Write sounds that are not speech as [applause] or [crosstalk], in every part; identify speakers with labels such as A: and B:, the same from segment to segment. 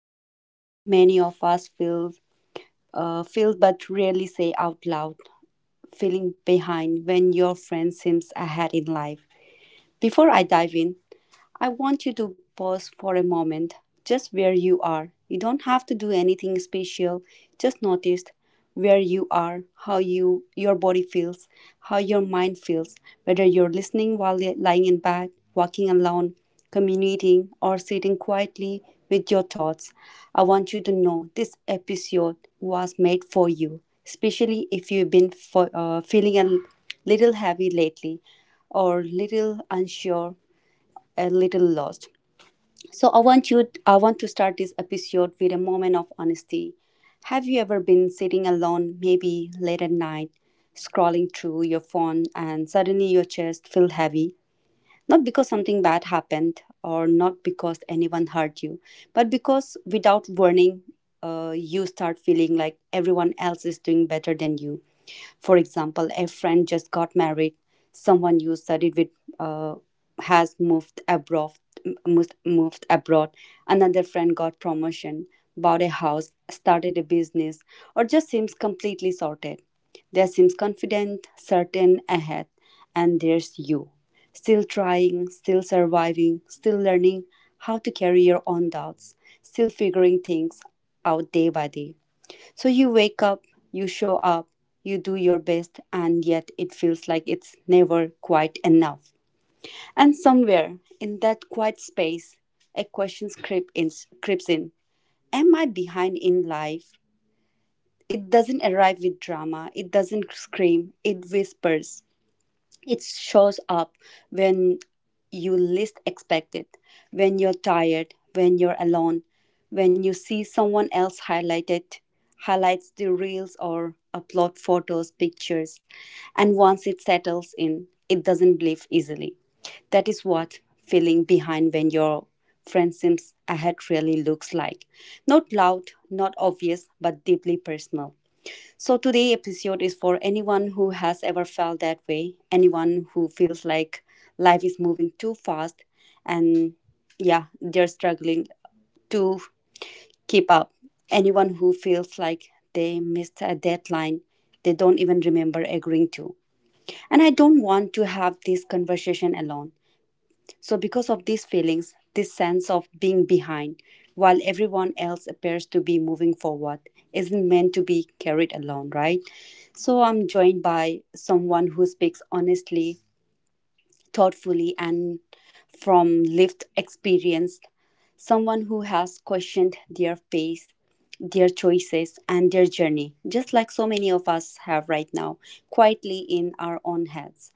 A: About something many of us feel but rarely say out loud, feeling behind when your friend seems ahead in life. Before I dive in, I want you to pause for a moment, just where you are. You don't have to do anything special. Just notice where you are, how your body feels, how your mind feels, whether you're listening while lying in bed, walking alone, commuting, or sitting quietly with your thoughts. I want you to know this episode was made for you, especially if you've been feeling a little heavy lately, or little unsure, a little lost. So I want to start this episode with a moment of honesty. Have you ever been sitting alone, maybe late at night, scrolling through your phone, and suddenly your chest feel heavy? Not because something bad happened, or not because anyone hurt you, but because without warning, you start feeling like everyone else is doing better than you. For example, a friend just got married. Someone you studied with uh, has moved abroad. Moved abroad. Another friend got promotion, bought a house, started a business, or just seems completely sorted. There seems confident, certain, ahead, and there's you, still trying, still surviving, still learning how to carry your own doubts, still figuring things out day by day. So you wake up, you show up, you do your best, and yet it feels like it's never quite enough. And somewhere in that quiet space, a creeps in. Am I behind in life? It doesn't arrive with drama, it doesn't scream, it whispers. It shows up when you least expect it, when you're tired, when you're alone, when you see someone highlights the reels or upload photos, pictures, and once it settles in, it doesn't leave easily. That is what feeling behind when your friend seems ahead really looks like. Not loud, not obvious, but deeply personal. So today episode is for anyone who has ever felt that way, anyone who feels like life is moving too fast and, yeah, they're struggling to keep up. Anyone who feels like they missed a deadline they don't even remember agreeing to. And I don't want to have this conversation alone. So, because of these feelings, this sense of being behind while everyone else appears to be moving forward, isn't meant to be carried alone, right? So, I'm joined by someone who speaks honestly, thoughtfully, and from lived experience, someone who has questioned their pace, their choices, and their journey, just like so many of us have right now, quietly in our own heads.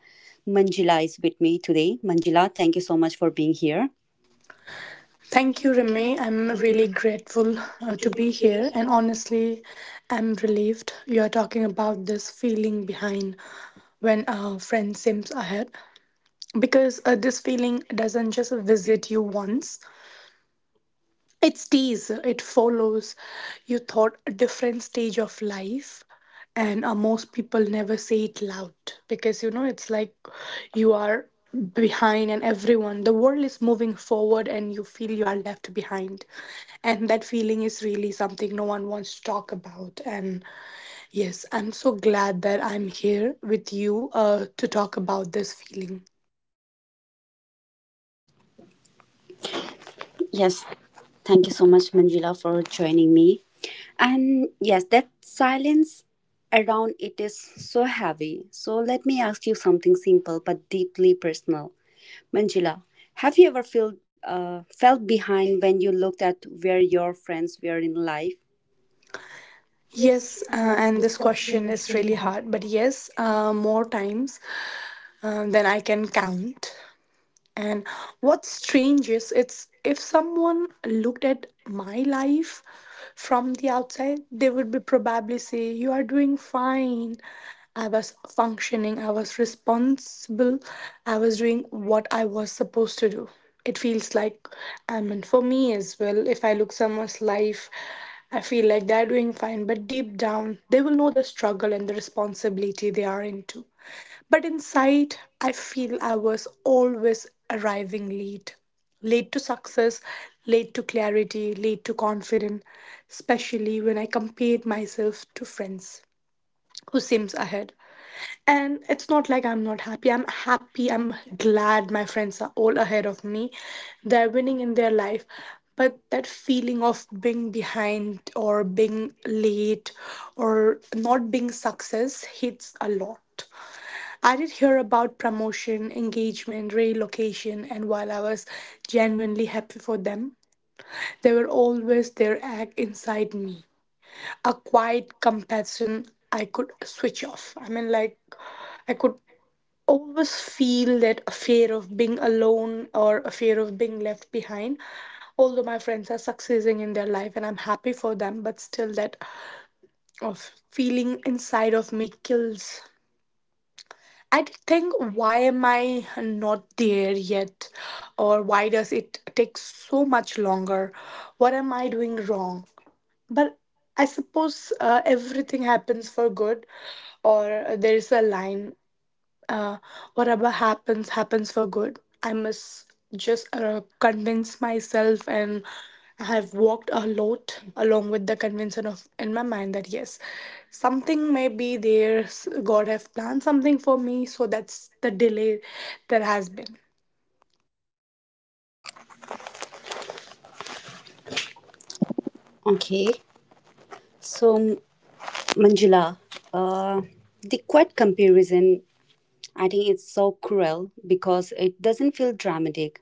A: Manjila is with me today. Manjila, thank you so much for being here. Thank
B: Thank
A: you,
B: you,
A: Mia.
B: Remy.
A: I
B: I'm really
A: really
B: grateful
A: glad
B: to
A: to be
B: be
A: here.
B: here,
A: And
B: and
A: all-
B: honestly, I'm relieved you are talking about this feeling behind when a friend seems ahead because this feeling doesn't just visit you once, it follows you thought a different stage of life, and most people never say it loud because you know it's like you are behind and everyone the world is moving forward and you feel you are left behind. And that feeling is really something no one wants to talk about. And yes, I'm so glad that I'm here with you to talk about this feeling.
A: Yes, thank you so much, Manjila, for joining me. And yes, that silence around it is so heavy. So let me ask you something simple but deeply personal. Manjula, have you ever felt behind when you looked at where your friends were in life? Yes.
B: Yes, and this question is really hard, but yes, more times than I can count. And what's strange is it's if someone looked at my life from the outside, they would be probably say, "You are doing fine." I was functioning, I was responsible, I was doing what I was supposed to do. It feels like, I mean, for me as well, if I look someone's life I feel like they're doing fine, but deep down, they will know the struggle and the responsibility they are into. But inside, I feel I was always arriving late. Late to success, late to clarity, late to confidence, especially when I compared myself to friends who seems ahead. And it's not like I'm not happy. I'm happy. I'm glad my friends are all ahead of me. They're winning in their life. But that feeling of being behind or being late or not being success hits a lot. I did hear about promotion, engagement, relocation, and while I was genuinely happy for them, they were always their egg inside me, a quiet compassion I could switch off. I mean, like, I could always feel that fear of being alone or a fear of being left behind. Although my friends are succeeding in their life and I'm happy for them, but still that of feeling inside of me kills. I did think, why am I not there yet? Or why does it take so much longer? What am I doing wrong? But I suppose everything happens for good, or there is a line, uh, whatever happens, happens for good. I must just convince myself, and I have walked a lot along with the conviction of in my mind that yes, something may be there. God have planned something for me, so that's the delay there has been.
A: Okay, so Manjula, uh, the quiet comparison, I think it's so cruel because it doesn't feel dramatic.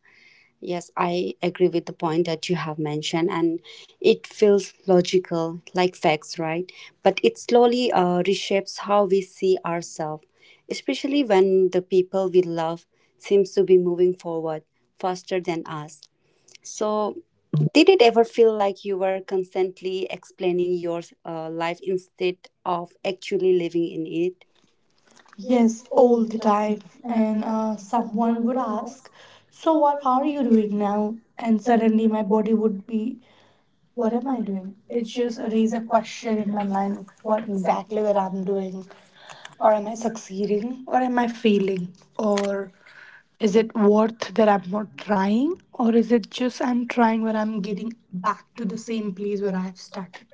A: Yes, I agree with the point that you have mentioned, and it feels logical, like facts, right? But it slowly reshapes how we see ourselves, especially when the people we love seems to be moving forward faster than us. So, did it ever feel like you were constantly explaining your life instead of actually living in it? Yes,
B: Yes,
A: all
B: all
A: the
B: the time.
A: time. And
B: And
A: someone
B: someone
A: would
B: would
A: ask,
B: ask,
A: "So,
B: so
A: what
B: what
A: are
B: are
A: you
B: you
A: doing
B: doing
A: now?"
B: now?
A: And
B: And
A: suddenly
B: suddenly
A: my
B: my
A: body
B: body
A: would
B: would
A: be,
B: be,
A: what
B: what
A: am
B: am
A: I
B: I
A: doing?
B: doing?
A: It
B: It
A: just
B: just
A: raised
B: raise
A: a
B: a
A: question
B: question
A: in
B: in
A: my
B: my
A: mind,
B: mind
A: what
B: what
A: exactly
B: exactly
A: am
B: that
A: I
B: I'm
A: doing?
B: doing.
A: Or
B: Or
A: am
B: am
A: I
B: I
A: succeeding?
B: succeeding?
A: Or
B: Or
A: am
B: am
A: I
B: I
A: failing?
B: failing?
A: Or
B: Or
A: is
B: is
A: it
B: it
A: worth
B: worth
A: that
B: that
A: I'm
B: I'm
A: not
B: not
A: trying?
B: trying?
A: Or
B: Or
A: is
B: is
A: it
B: it
A: just
B: just
A: I'm
B: I'm
A: trying
B: trying
A: but
B: where
A: I'm
B: I'm
A: getting
B: getting
A: back
B: back
A: to
B: to
A: the
B: the
A: same
B: same
A: place
B: place
A: where
B: where
A: I've
B: I've
A: stuck?
B: started?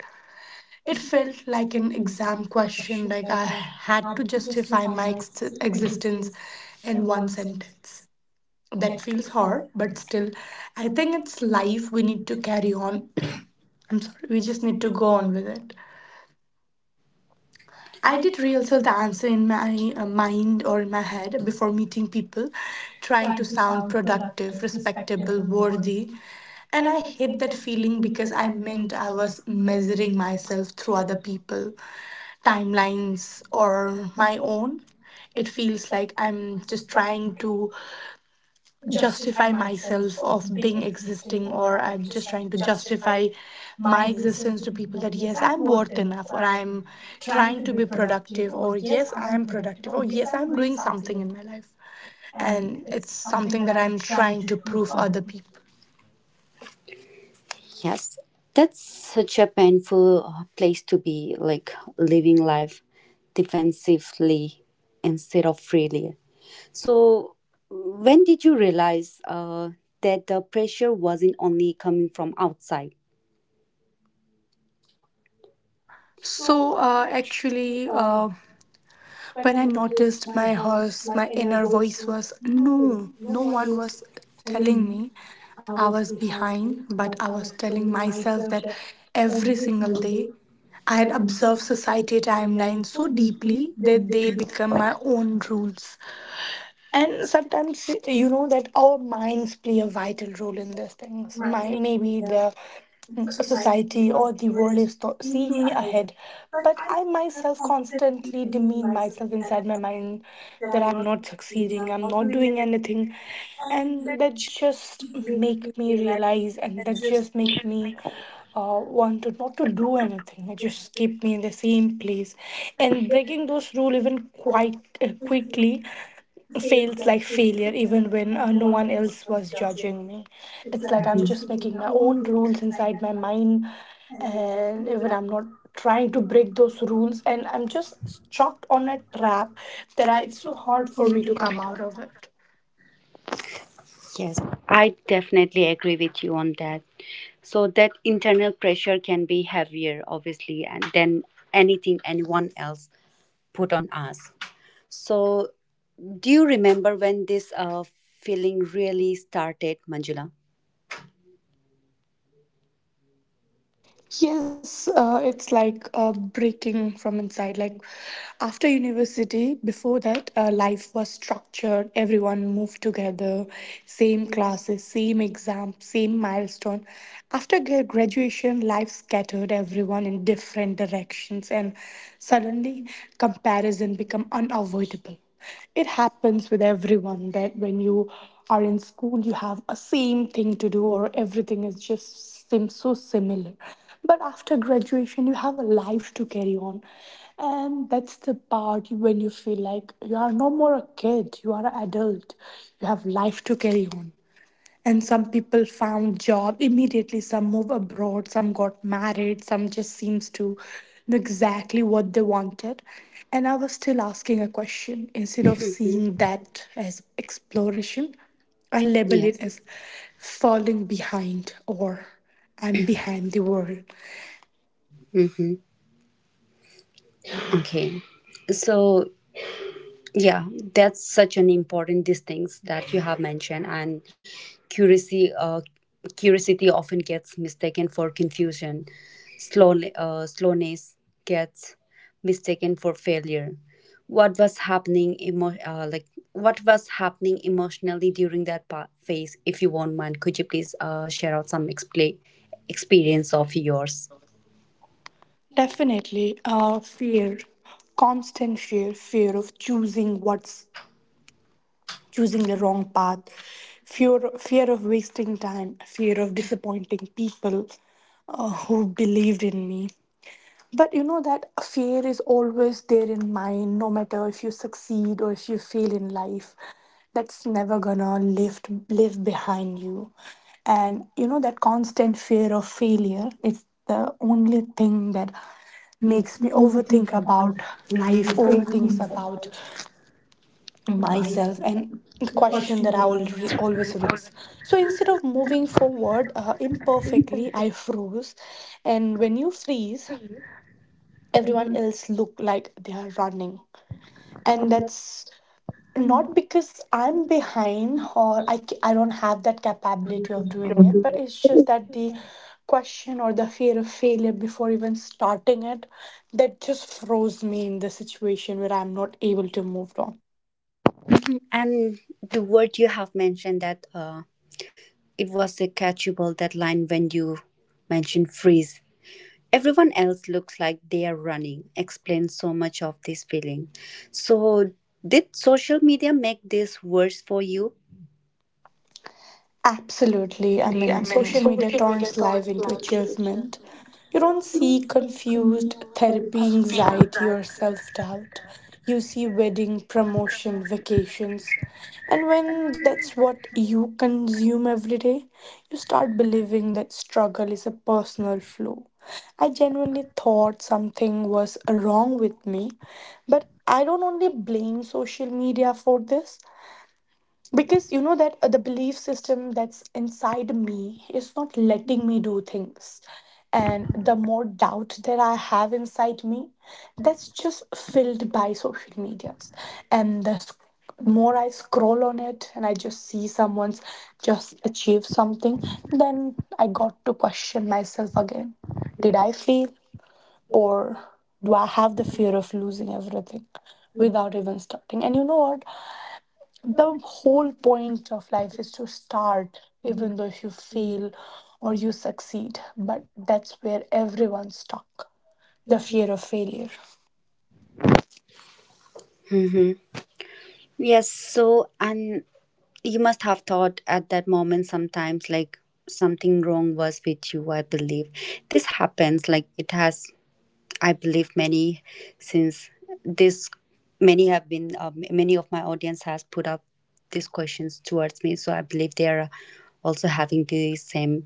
A: It
B: It
A: felt
B: felt
A: like
B: like
A: an
B: an
A: exam
B: exam
A: question,
B: question,
A: like
B: like
A: I
B: I
A: had
B: had
A: to
B: to
A: justify
B: justify
A: my
B: my
A: existence
B: existence
A: in
B: in
A: one
B: one
A: sentence.
B: sentence.
A: That
B: That
A: feels
B: feels
A: hard,
B: hard,
A: but
B: but
A: still,
B: still,
A: I
B: I
A: think
B: think
A: it's
B: it's
A: life.
B: life.
A: We
B: We
A: need
B: need
A: to
B: to
A: carry
B: carry
A: on.
B: on. [clears throat] I'm sorry,
A: We
B: we
A: just
B: just
A: need
B: need
A: to
B: to
A: go
B: go
A: on
B: on
A: with
B: with
A: it.
B: it.
A: I
B: I
A: did
B: did
A: rehearsal
B: rehearsal
A: the
B: the
A: answer
B: answer
A: in
B: in
A: my
B: my
A: mind
B: mind
A: or
B: or
A: in
B: in
A: my
B: my
A: head
B: head
A: before
B: before
A: meeting
B: meeting
A: people,
B: people,
A: trying
B: trying
A: to
B: to
A: sound
B: sound
A: productive,
B: productive,
A: respectable,
B: respectable,
A: worthy.
B: worthy.
A: And
B: And
A: I
B: I
A: hate
B: hate
A: that
B: that
A: feeling
B: feeling
A: because
B: because
A: I
B: I
A: meant
B: meant
A: I
B: I
A: was
B: was
A: measuring
B: measuring
A: myself
B: myself
A: through
B: through
A: other
B: other
A: people,
B: people,
A: timelines,
B: timelines,
A: or
B: or
A: my
B: my
A: own.
B: own.
A: It
B: It
A: feels
B: feels
A: like
B: like
A: I'm
B: I'm
A: just
B: just
A: trying
B: trying
A: to
B: to
A: justify
B: justify
A: myself
B: myself of
A: of being
B: being
A: existing,
B: existing,
A: or
B: or
A: I'm
B: I'm
A: just
B: just
A: trying
B: trying
A: to
B: to
A: justify
B: justify
A: my
B: my
A: existence
B: existence
A: to
B: to
A: people
B: people
A: that,
B: that
A: yes,
B: yes,
A: I'm
B: I'm
A: worth
B: worth
A: enough,
B: enough,
A: or
B: or
A: I'm
B: I'm
A: trying
B: trying
A: to
B: to
A: be
B: be
A: productive,
B: productive,
A: or,
B: or
A: yes,
B: yes,
A: I'm
B: I'm
A: productive,
B: productive,
A: or,
B: or
A: yes,
B: yes,
A: I'm
B: I'm
A: doing
B: doing
A: something
B: something
A: in
B: in
A: my
B: my life.
A: life. And
B: And it's
A: it's something
B: something
A: that
B: that
A: I'm
B: I'm
A: trying
B: trying
A: to
B: to
A: prove
B: prove
A: other
B: other people.
A: people. Yes, that's such a painful place to be, like living life defensively instead of freely. So, when did you realize that the pressure wasn't only coming from outside? So
B: So
A: actually,
B: actually
A: uh, When I
B: When I
A: noticed
B: noticed
A: my
B: my
A: horse,
B: horse,
A: my
B: my
A: inner
B: inner
A: voice
B: voice
A: was,
B: was
A: no,
B: no,
A: no
B: no
A: one
B: one
A: was
B: was
A: telling
B: telling
A: me
B: me
A: I
B: I
A: was
B: was behind,
A: behind, but
B: but
A: I
B: I
A: was
B: was
A: telling
B: telling
A: myself
B: myself
A: that
B: that
A: every
B: every
A: single
B: single
A: day.
B: day.
A: I
B: I
A: had
B: had
A: observed
B: observed
A: society
B: society timelines
A: timelines
B: so
A: so deeply
B: deeply
A: that
B: that
A: they
B: they
A: became
B: become my own
A: fundamental.
B: rules.
A: And
B: And
A: so
B: sometimes
A: you
B: you
A: would
B: know that
A: hope
B: our minds play a
A: that,
B: vital role in these things.
A: my
B: My
A: maybe,
B: maybe
A: the
B: the
A: society
B: society or
A: was
B: the world
A: always
B: is
A: seeing
B: seeing
A: me
B: me
A: ahead.
B: ahead.
A: But
B: But
A: I
B: I
A: myself
B: myself
A: constantly
B: constantly
A: believe
B: demean
A: myself
B: myself inside
A: that
B: my mind
A: that
B: that
A: I'm
B: I'm
A: not
B: not
A: doing,
B: succeeding,
A: I'm
B: I'm
A: not
B: not
A: doing
B: doing
A: anything.
B: anything.
A: And
B: And
A: that
B: that
A: just
B: just
A: make
B: make
A: me
B: me
A: realize
B: realize and
A: that
B: that
A: just
B: just make
A: makes me
B: me
A: uh,
B: want to not to do anything. It just keep me in the same place. And breaking those rule even
A: I
B: quite quickly
A: feels
B: feels like
A: like failure
B: failure
A: even
B: even
A: when
B: when
A: no
B: no one
A: one else
B: else
A: was
B: was
A: judging
B: judging
A: me.
B: me.
A: It's
B: It's
A: like
B: like
A: I'm
B: I'm
A: just
B: just
A: making
B: making
A: my
B: my
A: own
B: own
A: rules
B: rules
A: inside
B: inside
A: my
B: my
A: mind,
B: mind,
A: and
B: and
A: even
B: even
A: I'm
B: I'm
A: not
B: not
A: trying
B: trying
A: to
B: to
A: break
B: break
A: those
B: those
A: rules,
B: rules,
A: and
B: and I'm
A: I'm
B: just
A: just chopped
B: stuck
A: on
B: on
A: a
B: a
A: crap
B: trap
A: that
B: that
A: I,
B: I,
A: it's
B: it's
A: so
B: so
A: hard
B: hard
A: for
B: for
A: me
B: me
A: to
B: to
A: come
B: come
A: out.
B: out of it.
A: Yes, I definitely agree with you on that. So that internal pressure can be heavier, obviously, and than anything anyone else put on us. So, do you remember when this feeling really started, Manjula?
B: Yes, it's like breaking from inside. Like after university, before that, life was structured. Everyone moved together, same classes, same exam, same milestone. After graduation, life scattered everyone in different directions, and suddenly comparison become unavoidable. It happens with everyone that when you are in school you have a same thing to do or everything is just seems so similar, but after graduation you have a life to carry on. And that's the part when you feel like you are no more a kid, you are an adult, you have life to carry on. And some people found job immediately, some move abroad, some got married, some just seems to know exactly what they wanted. And I was still asking a question instead of
A: Hmm.
B: seeing that as exploration. I label it
A: Yes.
B: as falling behind or I'm behind the world.
A: Hmm. Okay. So, yeah, that's such an important these things that you have mentioned, and curiosity, uh, curiosity often gets mistaken for confusion. Slowness gets mistaken for failure. What was happening, like what was happening emotionally during that phase? If you won't mind, could you please share out some expla experience of yours?
B: Definitely, fear, constant fear, fear of choosing the wrong path, fear of wasting time, fear of disappointing people who believed in me. But you know that fear is always there in mind, no matter if you succeed or if you fail in life. That's never gonna lift live behind you. And you know that constant fear of failure, it's the only thing that makes
A: Makes me
B: me overthink
A: overthink about
B: about
A: life,
B: life,
A: overthink
B: overthinks
A: about,
B: about
A: and myself.
B: myself,
A: And
B: and
A: the
B: the question
A: question that
B: that I
A: I was asking
B: always raise. So instead of moving forward imperfectly, I froze. And when you freeze,
A: everyone,
B: everyone else look like they are running, and that's
A: not.
B: not because I'm behind or I don't have that capability of doing it, but it's just that the question or the fear of failure before even starting it, that just froze me in the situation where I'm not able to move on.
A: And the word you have mentioned that, it was a catchable deadline when you mentioned freeze. Everyone else looks like they are running. Explains so much of this feeling. So, did social media make this worse for you?
B: Absolutely. I mean, social media turns life into achievement. You
A: You
B: don't
A: don't
B: see
A: see confused,
B: confused therapy,
A: terrified,
B: anxiety, or self doubt. You see wedding, promotion, vacations. And when that's what you consume every day, you start believing that struggle is a personal flaw. I genuinely thought something was wrong with me, but I don't only blame social media for this because you know that the belief system that's inside me is not letting me do things. And the more doubt that I have inside me, that's just filled by social medias. And the more I scroll on it and I just see someone's just achieve something, then I got to question myself again. Did I fail, or do
A: yeah,
B: I have the fear of losing everything
A: without,
B: without even starting? And you know what,
A: you
B: the
A: don't
B: whole
A: want
B: point of life is to start
A: to be,
B: even though if you
A: free,
B: fail or
A: or
B: you
A: you just.
B: succeed, but that's where everyone's stuck, the fear of failure.
A: Mm-hmm. Yes. So, and you must have thought at that moment sometimes like something wrong was with you, I believe. This happens like it has, I believe, many, since this many have been, many of my audience has put up these questions towards me. So I believe they are also having the same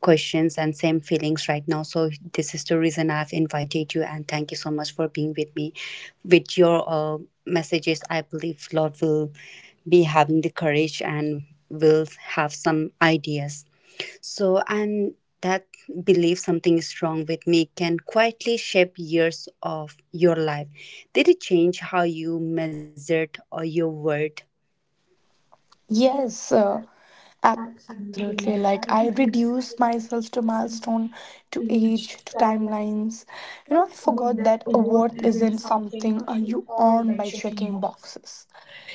A: questions and same feelings right now. So this is the reason I've invited you, and thank you so much for being with me. With your messages, I believe Lord will be having the courage and will have some ideas, so, and that belief something is wrong with me can quietly shape years of your life. Did it change how you measured or your word? Yes,
B: Yes,
A: absolutely.
B: absolutely.
A: Like
B: Like
A: I
B: I
A: did use
B: reduce
A: my
B: myself to
A: first
B: milestone, to
A: age
B: age, to
A: time. Like,
B: timelines. You know,
A: not
B: I
A: forgot
B: forgot
A: that
B: that a
A: a
B: worth
A: is isn't
B: isn't
A: something
B: something
A: you
B: you
A: earn
B: earn
A: by
B: by
A: checking
B: checking
A: boxes.
B: boxes.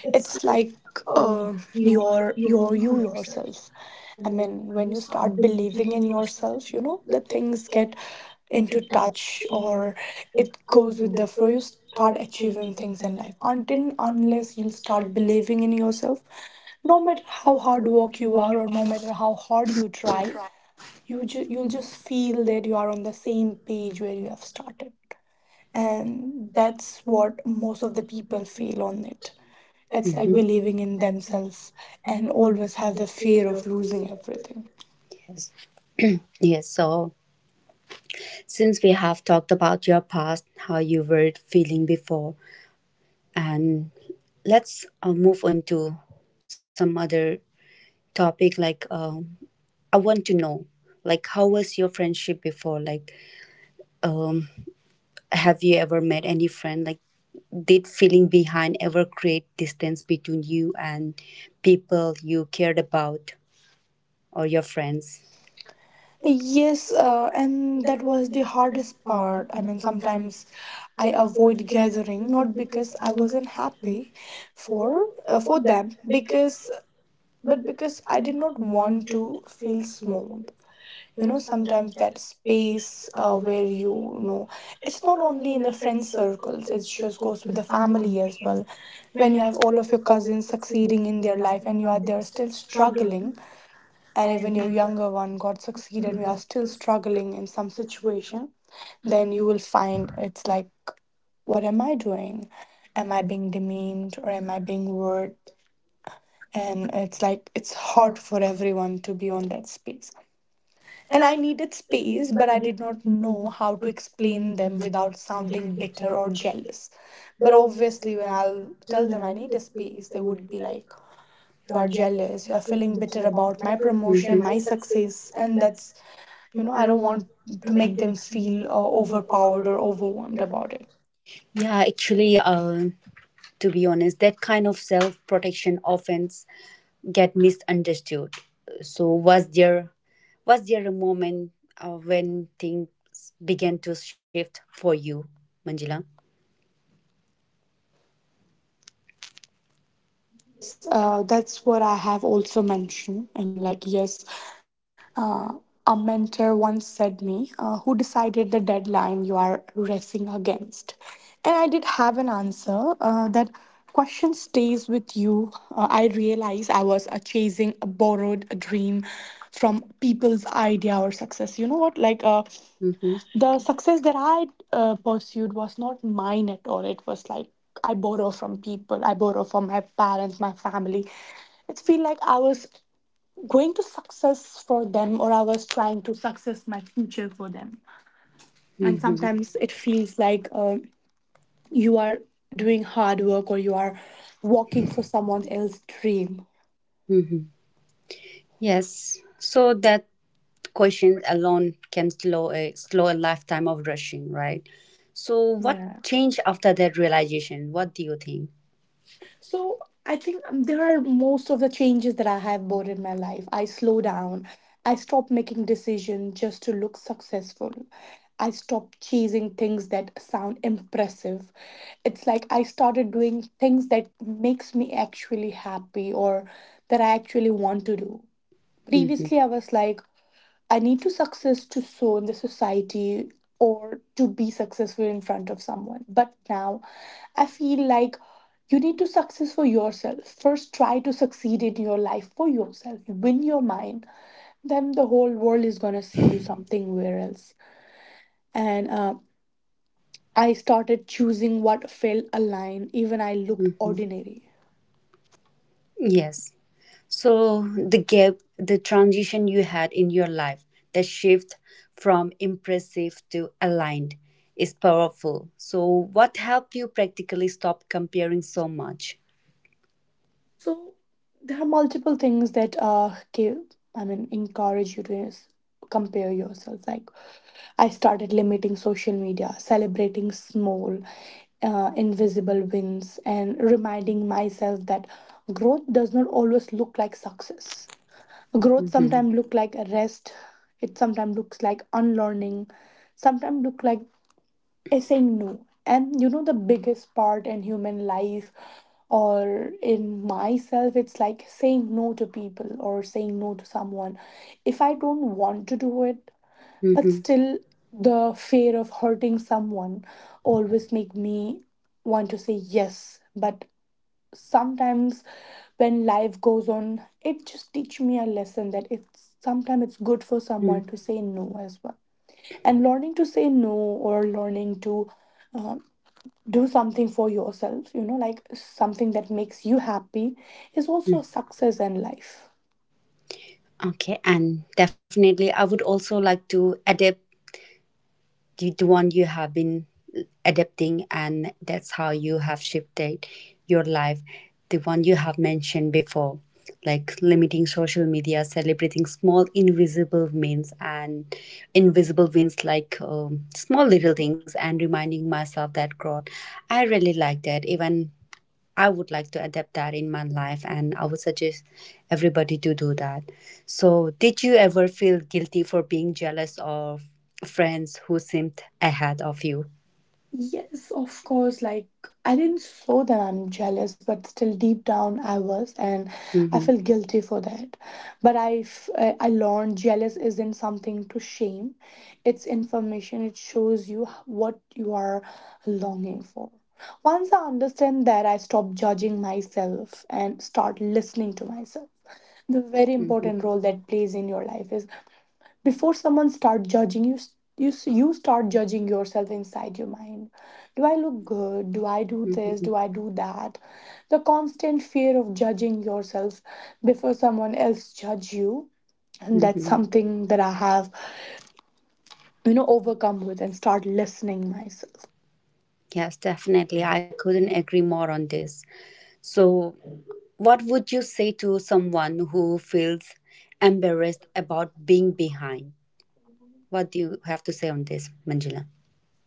A: It's
B: It's
A: like
B: like
A: uh,
B: uh,
A: your
B: your
A: your
B: your you
A: you yourself.
B: yourself. I
A: And then,
B: mean, when
A: when
B: you
A: you
B: start
A: start
B: believing
A: believing
B: in
A: in yourself,
B: yourself, you know, the
A: the
B: things
A: things get
B: get
A: into
B: into
A: touch,
B: touch,
A: or
B: or
A: it
B: it goes
A: goes with
B: with the
A: the
B: flow. You
A: first
B: start
A: start
B: achieving
A: achieving
B: things
A: things
B: in
A: in
B: life.
A: life, until
B: Until unless
A: unless
B: you
A: you
B: start
A: start
B: believing
A: believing
B: in
A: in yourself,
B: yourself, no
A: no
B: matter
A: matter
B: how
A: how hard
B: hard work
A: work you
B: you
A: are
B: are
A: or
B: or
A: how
B: no
A: much
B: matter how hard you
A: time,
B: try,
A: you just you
B: you'll just
A: just feel
B: feel that
A: that
B: you
A: you
B: are
A: are
B: on
A: on
B: the
A: the
B: same
A: same
B: page
A: page
B: where
A: when
B: you
A: you
B: have
A: start.
B: started.
A: And
B: And that's
A: that's what
B: what most
A: most
B: of
A: of the
B: the people
A: people
B: feel
A: feel
B: on
A: on
B: it.
A: it.
B: It's
A: That's like.
B: like
A: Mhm.
B: believing
A: Believing
B: in
A: in
B: themselves
A: themselves
B: and
A: and
B: always
A: always
B: have
A: have
B: the
A: the
B: fear
A: fear
B: of
A: of
B: losing
A: losing everything.
B: everything.
A: Yes. Yes. So, since we have talked about your past, how you were feeling before, and let's move on to some other topic. Like, I want to know, like, how was your friendship before? Like, um, have you ever met any friend? Like, did feeling behind ever create distance between you and people you cared about or your friends? Yes,
B: Yes,
A: and
B: and that
A: that was
B: was
A: the
B: the hardest
A: hardest part.
B: part.
A: I
B: I
A: mean,
B: mean,
A: sometimes
B: sometimes
A: I
B: I
A: avoid
B: avoid
A: gathering
B: gathering not
A: not
B: because
A: because I
B: I wasn't
A: wasn't happy
B: happy
A: for
B: for them
A: them,
B: because
A: because
B: but
A: but
B: because
A: because
B: I
A: I
B: did
A: did
B: not
A: not
B: want
A: want to
B: to feel
A: feel small.
B: smooth. You
A: You
B: know,
A: know,
B: sometimes
A: sometimes
B: that
A: that
B: space
A: space
B: where
A: where,
B: you, know, it's
A: it's not
B: not only
A: only
B: in
A: in
B: the
A: the
B: friend
A: friend
B: circles,
A: circles.
B: it
A: It just
B: just goes
A: goes
B: with
A: with
B: the
A: the
B: family
A: family as
B: as well.
A: well.
B: When
A: When
B: you
A: you
B: have
A: have
B: all
A: all
B: of
A: of your
B: your cousins
A: cousins succeeding
B: succeeding in
A: in
B: their
A: their
B: life
A: life
B: and
A: and
B: you
A: you
B: are
A: are
B: there
A: there
B: still
A: still
B: struggling,
A: struggling,
B: and
A: and
B: even your
A: even
B: younger one got succeeded and you
A: you
B: are
A: are
B: still
A: still struggling with
B: struggling in some
A: the situation.
B: situation,
A: They
B: then you
A: and
B: will find it's like, what am I doing? Am I
A: I
B: being demeaned or am
A: and I,
B: I being rude?
A: and
B: And it's like it's hard
A: hard for
B: for
A: them.
B: everyone to be on that space, and
A: And
B: I
A: I
B: needed
A: see,
B: space,
A: but
B: but
A: I
B: I
A: did
B: did
A: not
B: not
A: know
B: know how
A: how
B: to
A: to
B: explain
A: explain
B: them
A: them
B: without
A: without
B: sounding
A: sounding
B: bitter
A: bitter
B: or
A: or jealous.
B: jealous.
A: But
B: But obviously,
A: obviously,
B: when
A: when I
B: I'll
A: will tell
B: tell
A: them
B: them
A: I
B: I
A: need
B: need
A: a
B: a
A: space,
B: space,
A: they
B: they would
A: would be
B: be
A: like,
B: like,
A: you
B: you
A: are
B: are
A: jealous,
B: jealous, you
A: you're
B: are
A: feeling
B: feeling
A: bitter
B: bitter
A: about
B: about
A: my
B: my
A: promotion, Mhm,
B: promotion,
A: my
B: my success,
A: success, and
B: and
A: that's,
B: that's, you know,
A: I
B: I
A: don't
B: don't
A: want
B: want
A: to
B: to
A: make
B: make
A: them
B: them
A: feel
B: feel
A: overpowered
B: overpowered
A: or
B: or
A: overwhelmed
B: overwhelmed about
A: about
B: it.
A: it. Yeah, actually, to be honest, that kind of self protection often get misunderstood. So was there a moment when things began to shift for you, Manjula?
B: Yes, that's what I have also mentioned. I mean, like, yes, uh, a mentor once said me, who decided the deadline you are racing against? And I did have an answer. That question stays with you. I realized I was chasing a borrowed dream from people's idea or success. You know what? Like,
A: Mm-hmm.
B: the success that I pursued was not mine at all. It was like I borrow from people, I borrow from my parents, my family. It feel like I was going to success for them, or I was trying to success my future for them. And
A: Mm-hmm.
B: sometimes it feels like you are doing hard work, or you are working for someone else's dream.
A: Mm-hmm. Yes. So that question alone can slow a lifetime of rushing, right? So what
B: Yeah.
A: changed after that realization? What do you think?
B: So I think there are most of the changes that I have brought in my life. I slow down. I stop making decisions just to look successful. I stop chasing things that sound impressive. It's like I started doing things that makes me actually happy or that I actually want to do.
A: Mm-hmm.
B: Previously, I was like, I need to success to show in the society or to be successful in front of someone. But now I feel like you need to success for yourself. First try to succeed in your life for yourself. Win your mind. Then the whole world is gonna see you something where else. And I started choosing what felt aligned, even I looked
A: Mm-hmm.
B: ordinary.
A: Yes. So the gap, the transition you had in your life, the shift from impressive to aligned is powerful. So what helped you practically stop comparing so much?
B: So there are multiple things that give I mean encourage you to compare yourself. Like I started limiting social media, celebrating small, invisible wins, and reminding myself that growth does not always look like success. Growth
A: Hmm.
B: sometimes look like rest. It sometimes looks like unlearning. Sometimes look like is saying no. And you know, the biggest part in human life or in myself, it's like saying no to people or saying no to someone. If I don't want to do it, but
A: Hmm.
B: still the fear of hurting someone always make me want to say yes. But sometimes when life goes on, it just teach me a lesson that it's sometimes it's good for someone
A: Hmm.
B: to say no as well. And learning to say no or learning to uh, do something for yourself, you know, like something that makes you happy is also a success in life.
A: Okay, and definitely I would also like to adapt you the one you have been adapting and that's how you have shifted your life, the one you have mentioned before, like limiting social media, celebrating small invisible wins and invisible wins like small little things, and reminding myself that growth, I really like that. Even I would like to adapt that in my life, and I would suggest everybody to do that. So, did you ever feel guilty for being jealous of friends who seemed ahead of you?
B: Yes, of course. Like, I didn't show that I'm jealous, but still deep down I was, and I felt
A: Mm-hmm,
B: guilty for that. But I, f- I learned jealous isn't something to shame, it's information. It shows you what you are longing for. Once I understand that, I stopped judging myself and start listening to myself. The very important
A: mm-hmm,
B: role that plays in your life is before someone start judging you start judging yourself inside your mind. Do I look good? Do I do
A: mm-hmm,
B: this? Do I do that? The constant fear of judging yourself before someone else judge you, and that's
A: mm-hmm.
B: something that I have, you know, overcome with, and start listening myself.
A: Yes, definitely. I couldn't agree more on this. So, what would you say to someone who feels embarrassed about being behind? What do you have to say on this, Manjula?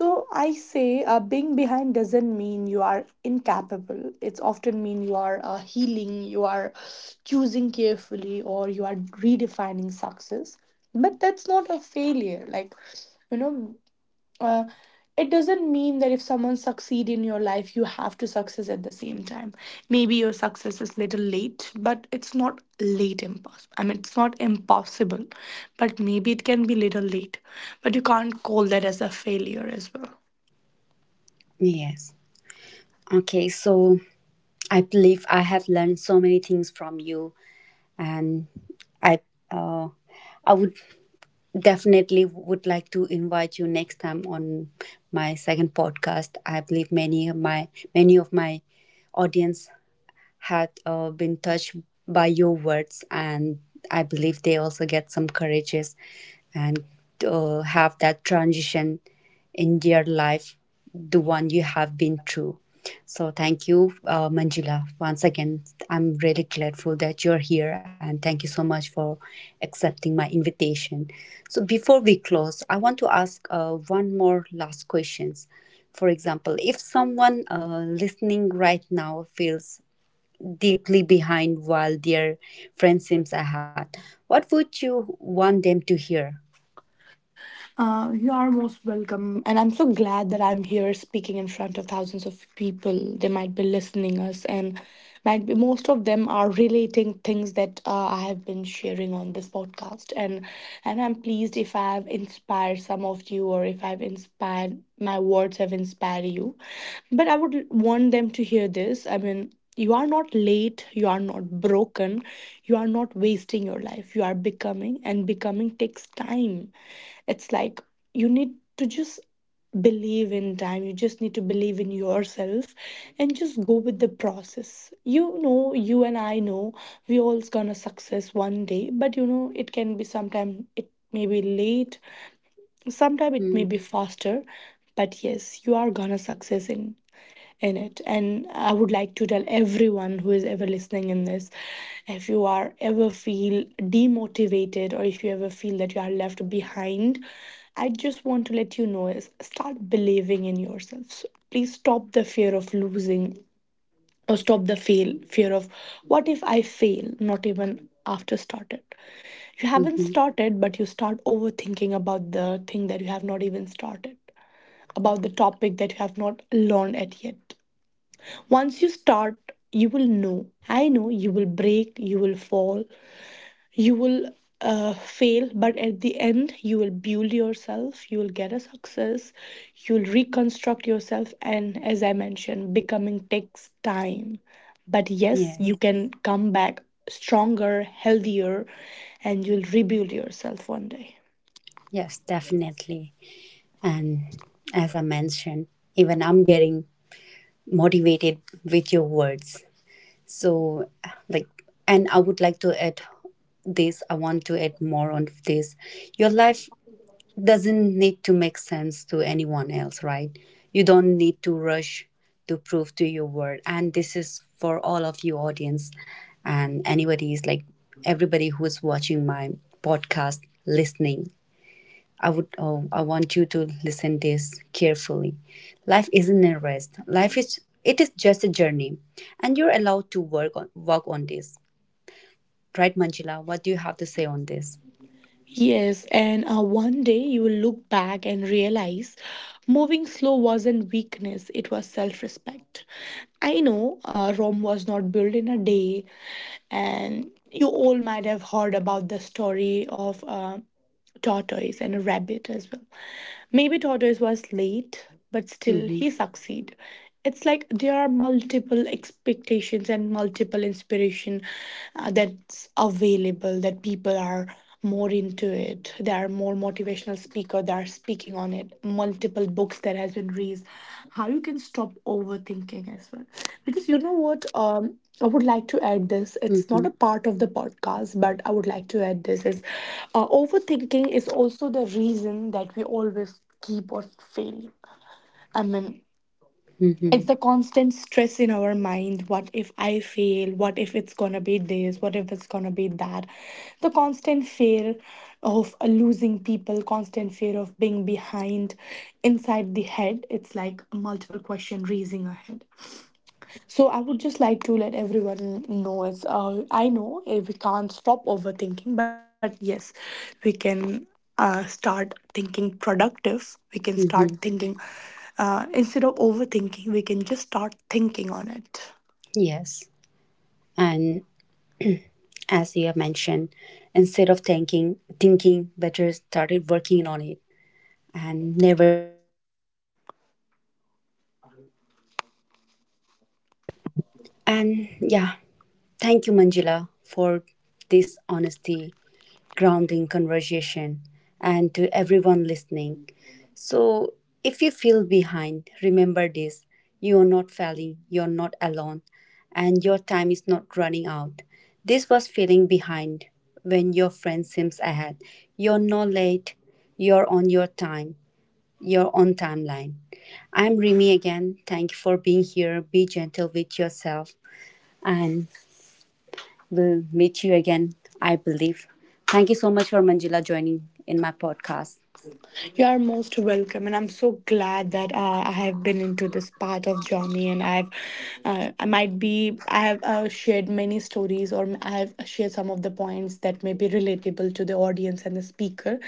B: So I say being behind doesn't mean you are incapable. It's often mean you are healing, you are choosing carefully, or you are redefining success. But that's not a failure. Like, you know, uh, it doesn't mean that if someone succeed in your life, you have to success at the same time. Maybe your success is little late, but it's not late impossible. I mean, it's not impossible, but maybe it can be little late. But you can't call that as a failure as well.
A: Yes. Okay, so I believe I have learned so many things from you, and I uh, I would definitely would like to invite you next time on my second podcast. I believe many of my audience had been touched by your words, and I believe they also get some courageous and have that transition in their life, the one you have been through. So thank you, Manjula. Once again, I'm really grateful that you're here, and thank you so much for accepting my invitation. So before we close, I want to ask one more last questions. For example, if someone listening right now feels deeply behind while their friend seems ahead. What would you want them to hear?
B: You are most welcome, and I'm so glad that I'm here speaking in front of thousands of people. They might be listening us, and might be most of them are relating things that I have been sharing on this podcast. And I'm pleased if I have inspired some of you, or if I've inspired my words have inspired you. But I would want them to hear this. I mean, you are not late. You are not broken. You are not wasting your life. You are becoming, and becoming takes time. It's like you need to just believe in time. You just need to believe in yourself and just go with the process. You know, you and I know we all's gonna success one day, but you know, it can be sometime it may be late, sometime it may be faster, but yes, you are gonna success in it. And I would like to tell everyone who is ever listening in this, if you are ever feel demotivated or if you ever feel that you are left behind, I just want to let you know is start believing in yourself. So please stop the fear of losing or stop the fail fear of what if I fail, not even after started. You haven't
A: Mm-hmm.
B: started, but you start overthinking about the thing that you have not even started, about the topic that you have not learned at yet. Once you start, you will know. I know you will break, you will fall, you will fail, but at the end, you will build yourself, you will get a success, you will reconstruct yourself, and as I mentioned, becoming takes time. But yes, you
A: Yes,
B: can come back stronger, healthier, and you'll rebuild yourself one day.
A: yes, definitely. And as I mentioned, even I'm getting motivated with your words. So, like, and I would like to add this, I want to add more on this. Your life doesn't need to make sense to anyone else, right? You don't need to rush to prove to your word. And this is for all of you audience and anybody is like everybody who is watching my podcast listening. I want you to listen this carefully. Life isn't a rest. Life is it is just a journey and you're allowed to work on this. Right, Manjula? What do you have to say on this?
B: Yes, and one day you will look back and realize moving slow wasn't weakness, it was self respect. I know Rome was not built in a day, and you all might have heard about the story of a tortoise and a rabbit as well. Maybe tortoise was late, but still
A: Mm-hmm.
B: he succeed. It's like there are multiple expectations and multiple inspiration that's available, that people are more into it. There are more motivational speaker that are speaking on it, multiple books that has been raised how you can stop overthinking as well. Because you know what, I would like to add this, it's not
A: Mm-hmm.
B: a part of the podcast, but I would like to add this is overthinking is also the reason that we always keep on failing. I mean, it's
A: Mm-hmm.
B: the constant stress in our mind, what if I fail, what if it's gonna be this, what if it's gonna be that, the constant fear of losing people, constant fear of being behind inside the head, it's like multiple question raising ahead. So I would just like to let everyone know is I know we can't stop overthinking, but yes, we can start thinking productive. We can start
A: Mm-hmm.
B: thinking instead of overthinking. We can just start thinking on it.
A: Yes. And [clears throat] as you have mentioned, instead of thinking better started working on it and never. And yeah, thank you, Manjula, for this honesty, grounding conversation, and to everyone listening. So, if you feel behind, remember this, you are not failing, you're not alone, and your time is not running out. This was feeling behind when your friend seems ahead. You're not late, you're on your time, you're on timeline. I'm Rimi again. Thank you for being here. Be gentle with yourself and we'll meet you again, I believe. Thank you so much for Manjula joining in my podcast.
B: You are most welcome, and I'm so glad that I have been into this part of journey, and I've I might be I have shared many stories, or I have shared some of the points that may be relatable to the audience and the speaker.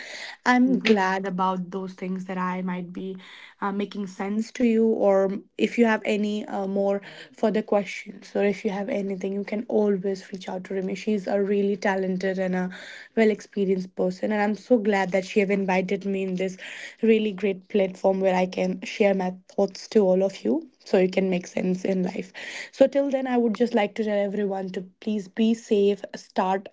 B: I'm glad about those things that I might be making sense to you, or if you have any more further questions, or if you have anything, you can always reach out to Remy. She's a really talented and a well experienced person, and I'm so glad that she have invited me in this really great platform where I can share my thoughts to all of you, so you can make sense in life. So till then, I would just like to tell everyone to please be safe, start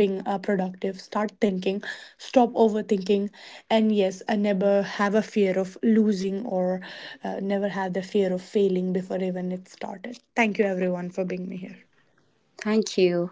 B: being productive, start thinking, stop overthinking, and yes, I never have a fear of losing or never have the fear of failing before even it started. Thank you everyone for being me here.
A: Thank you.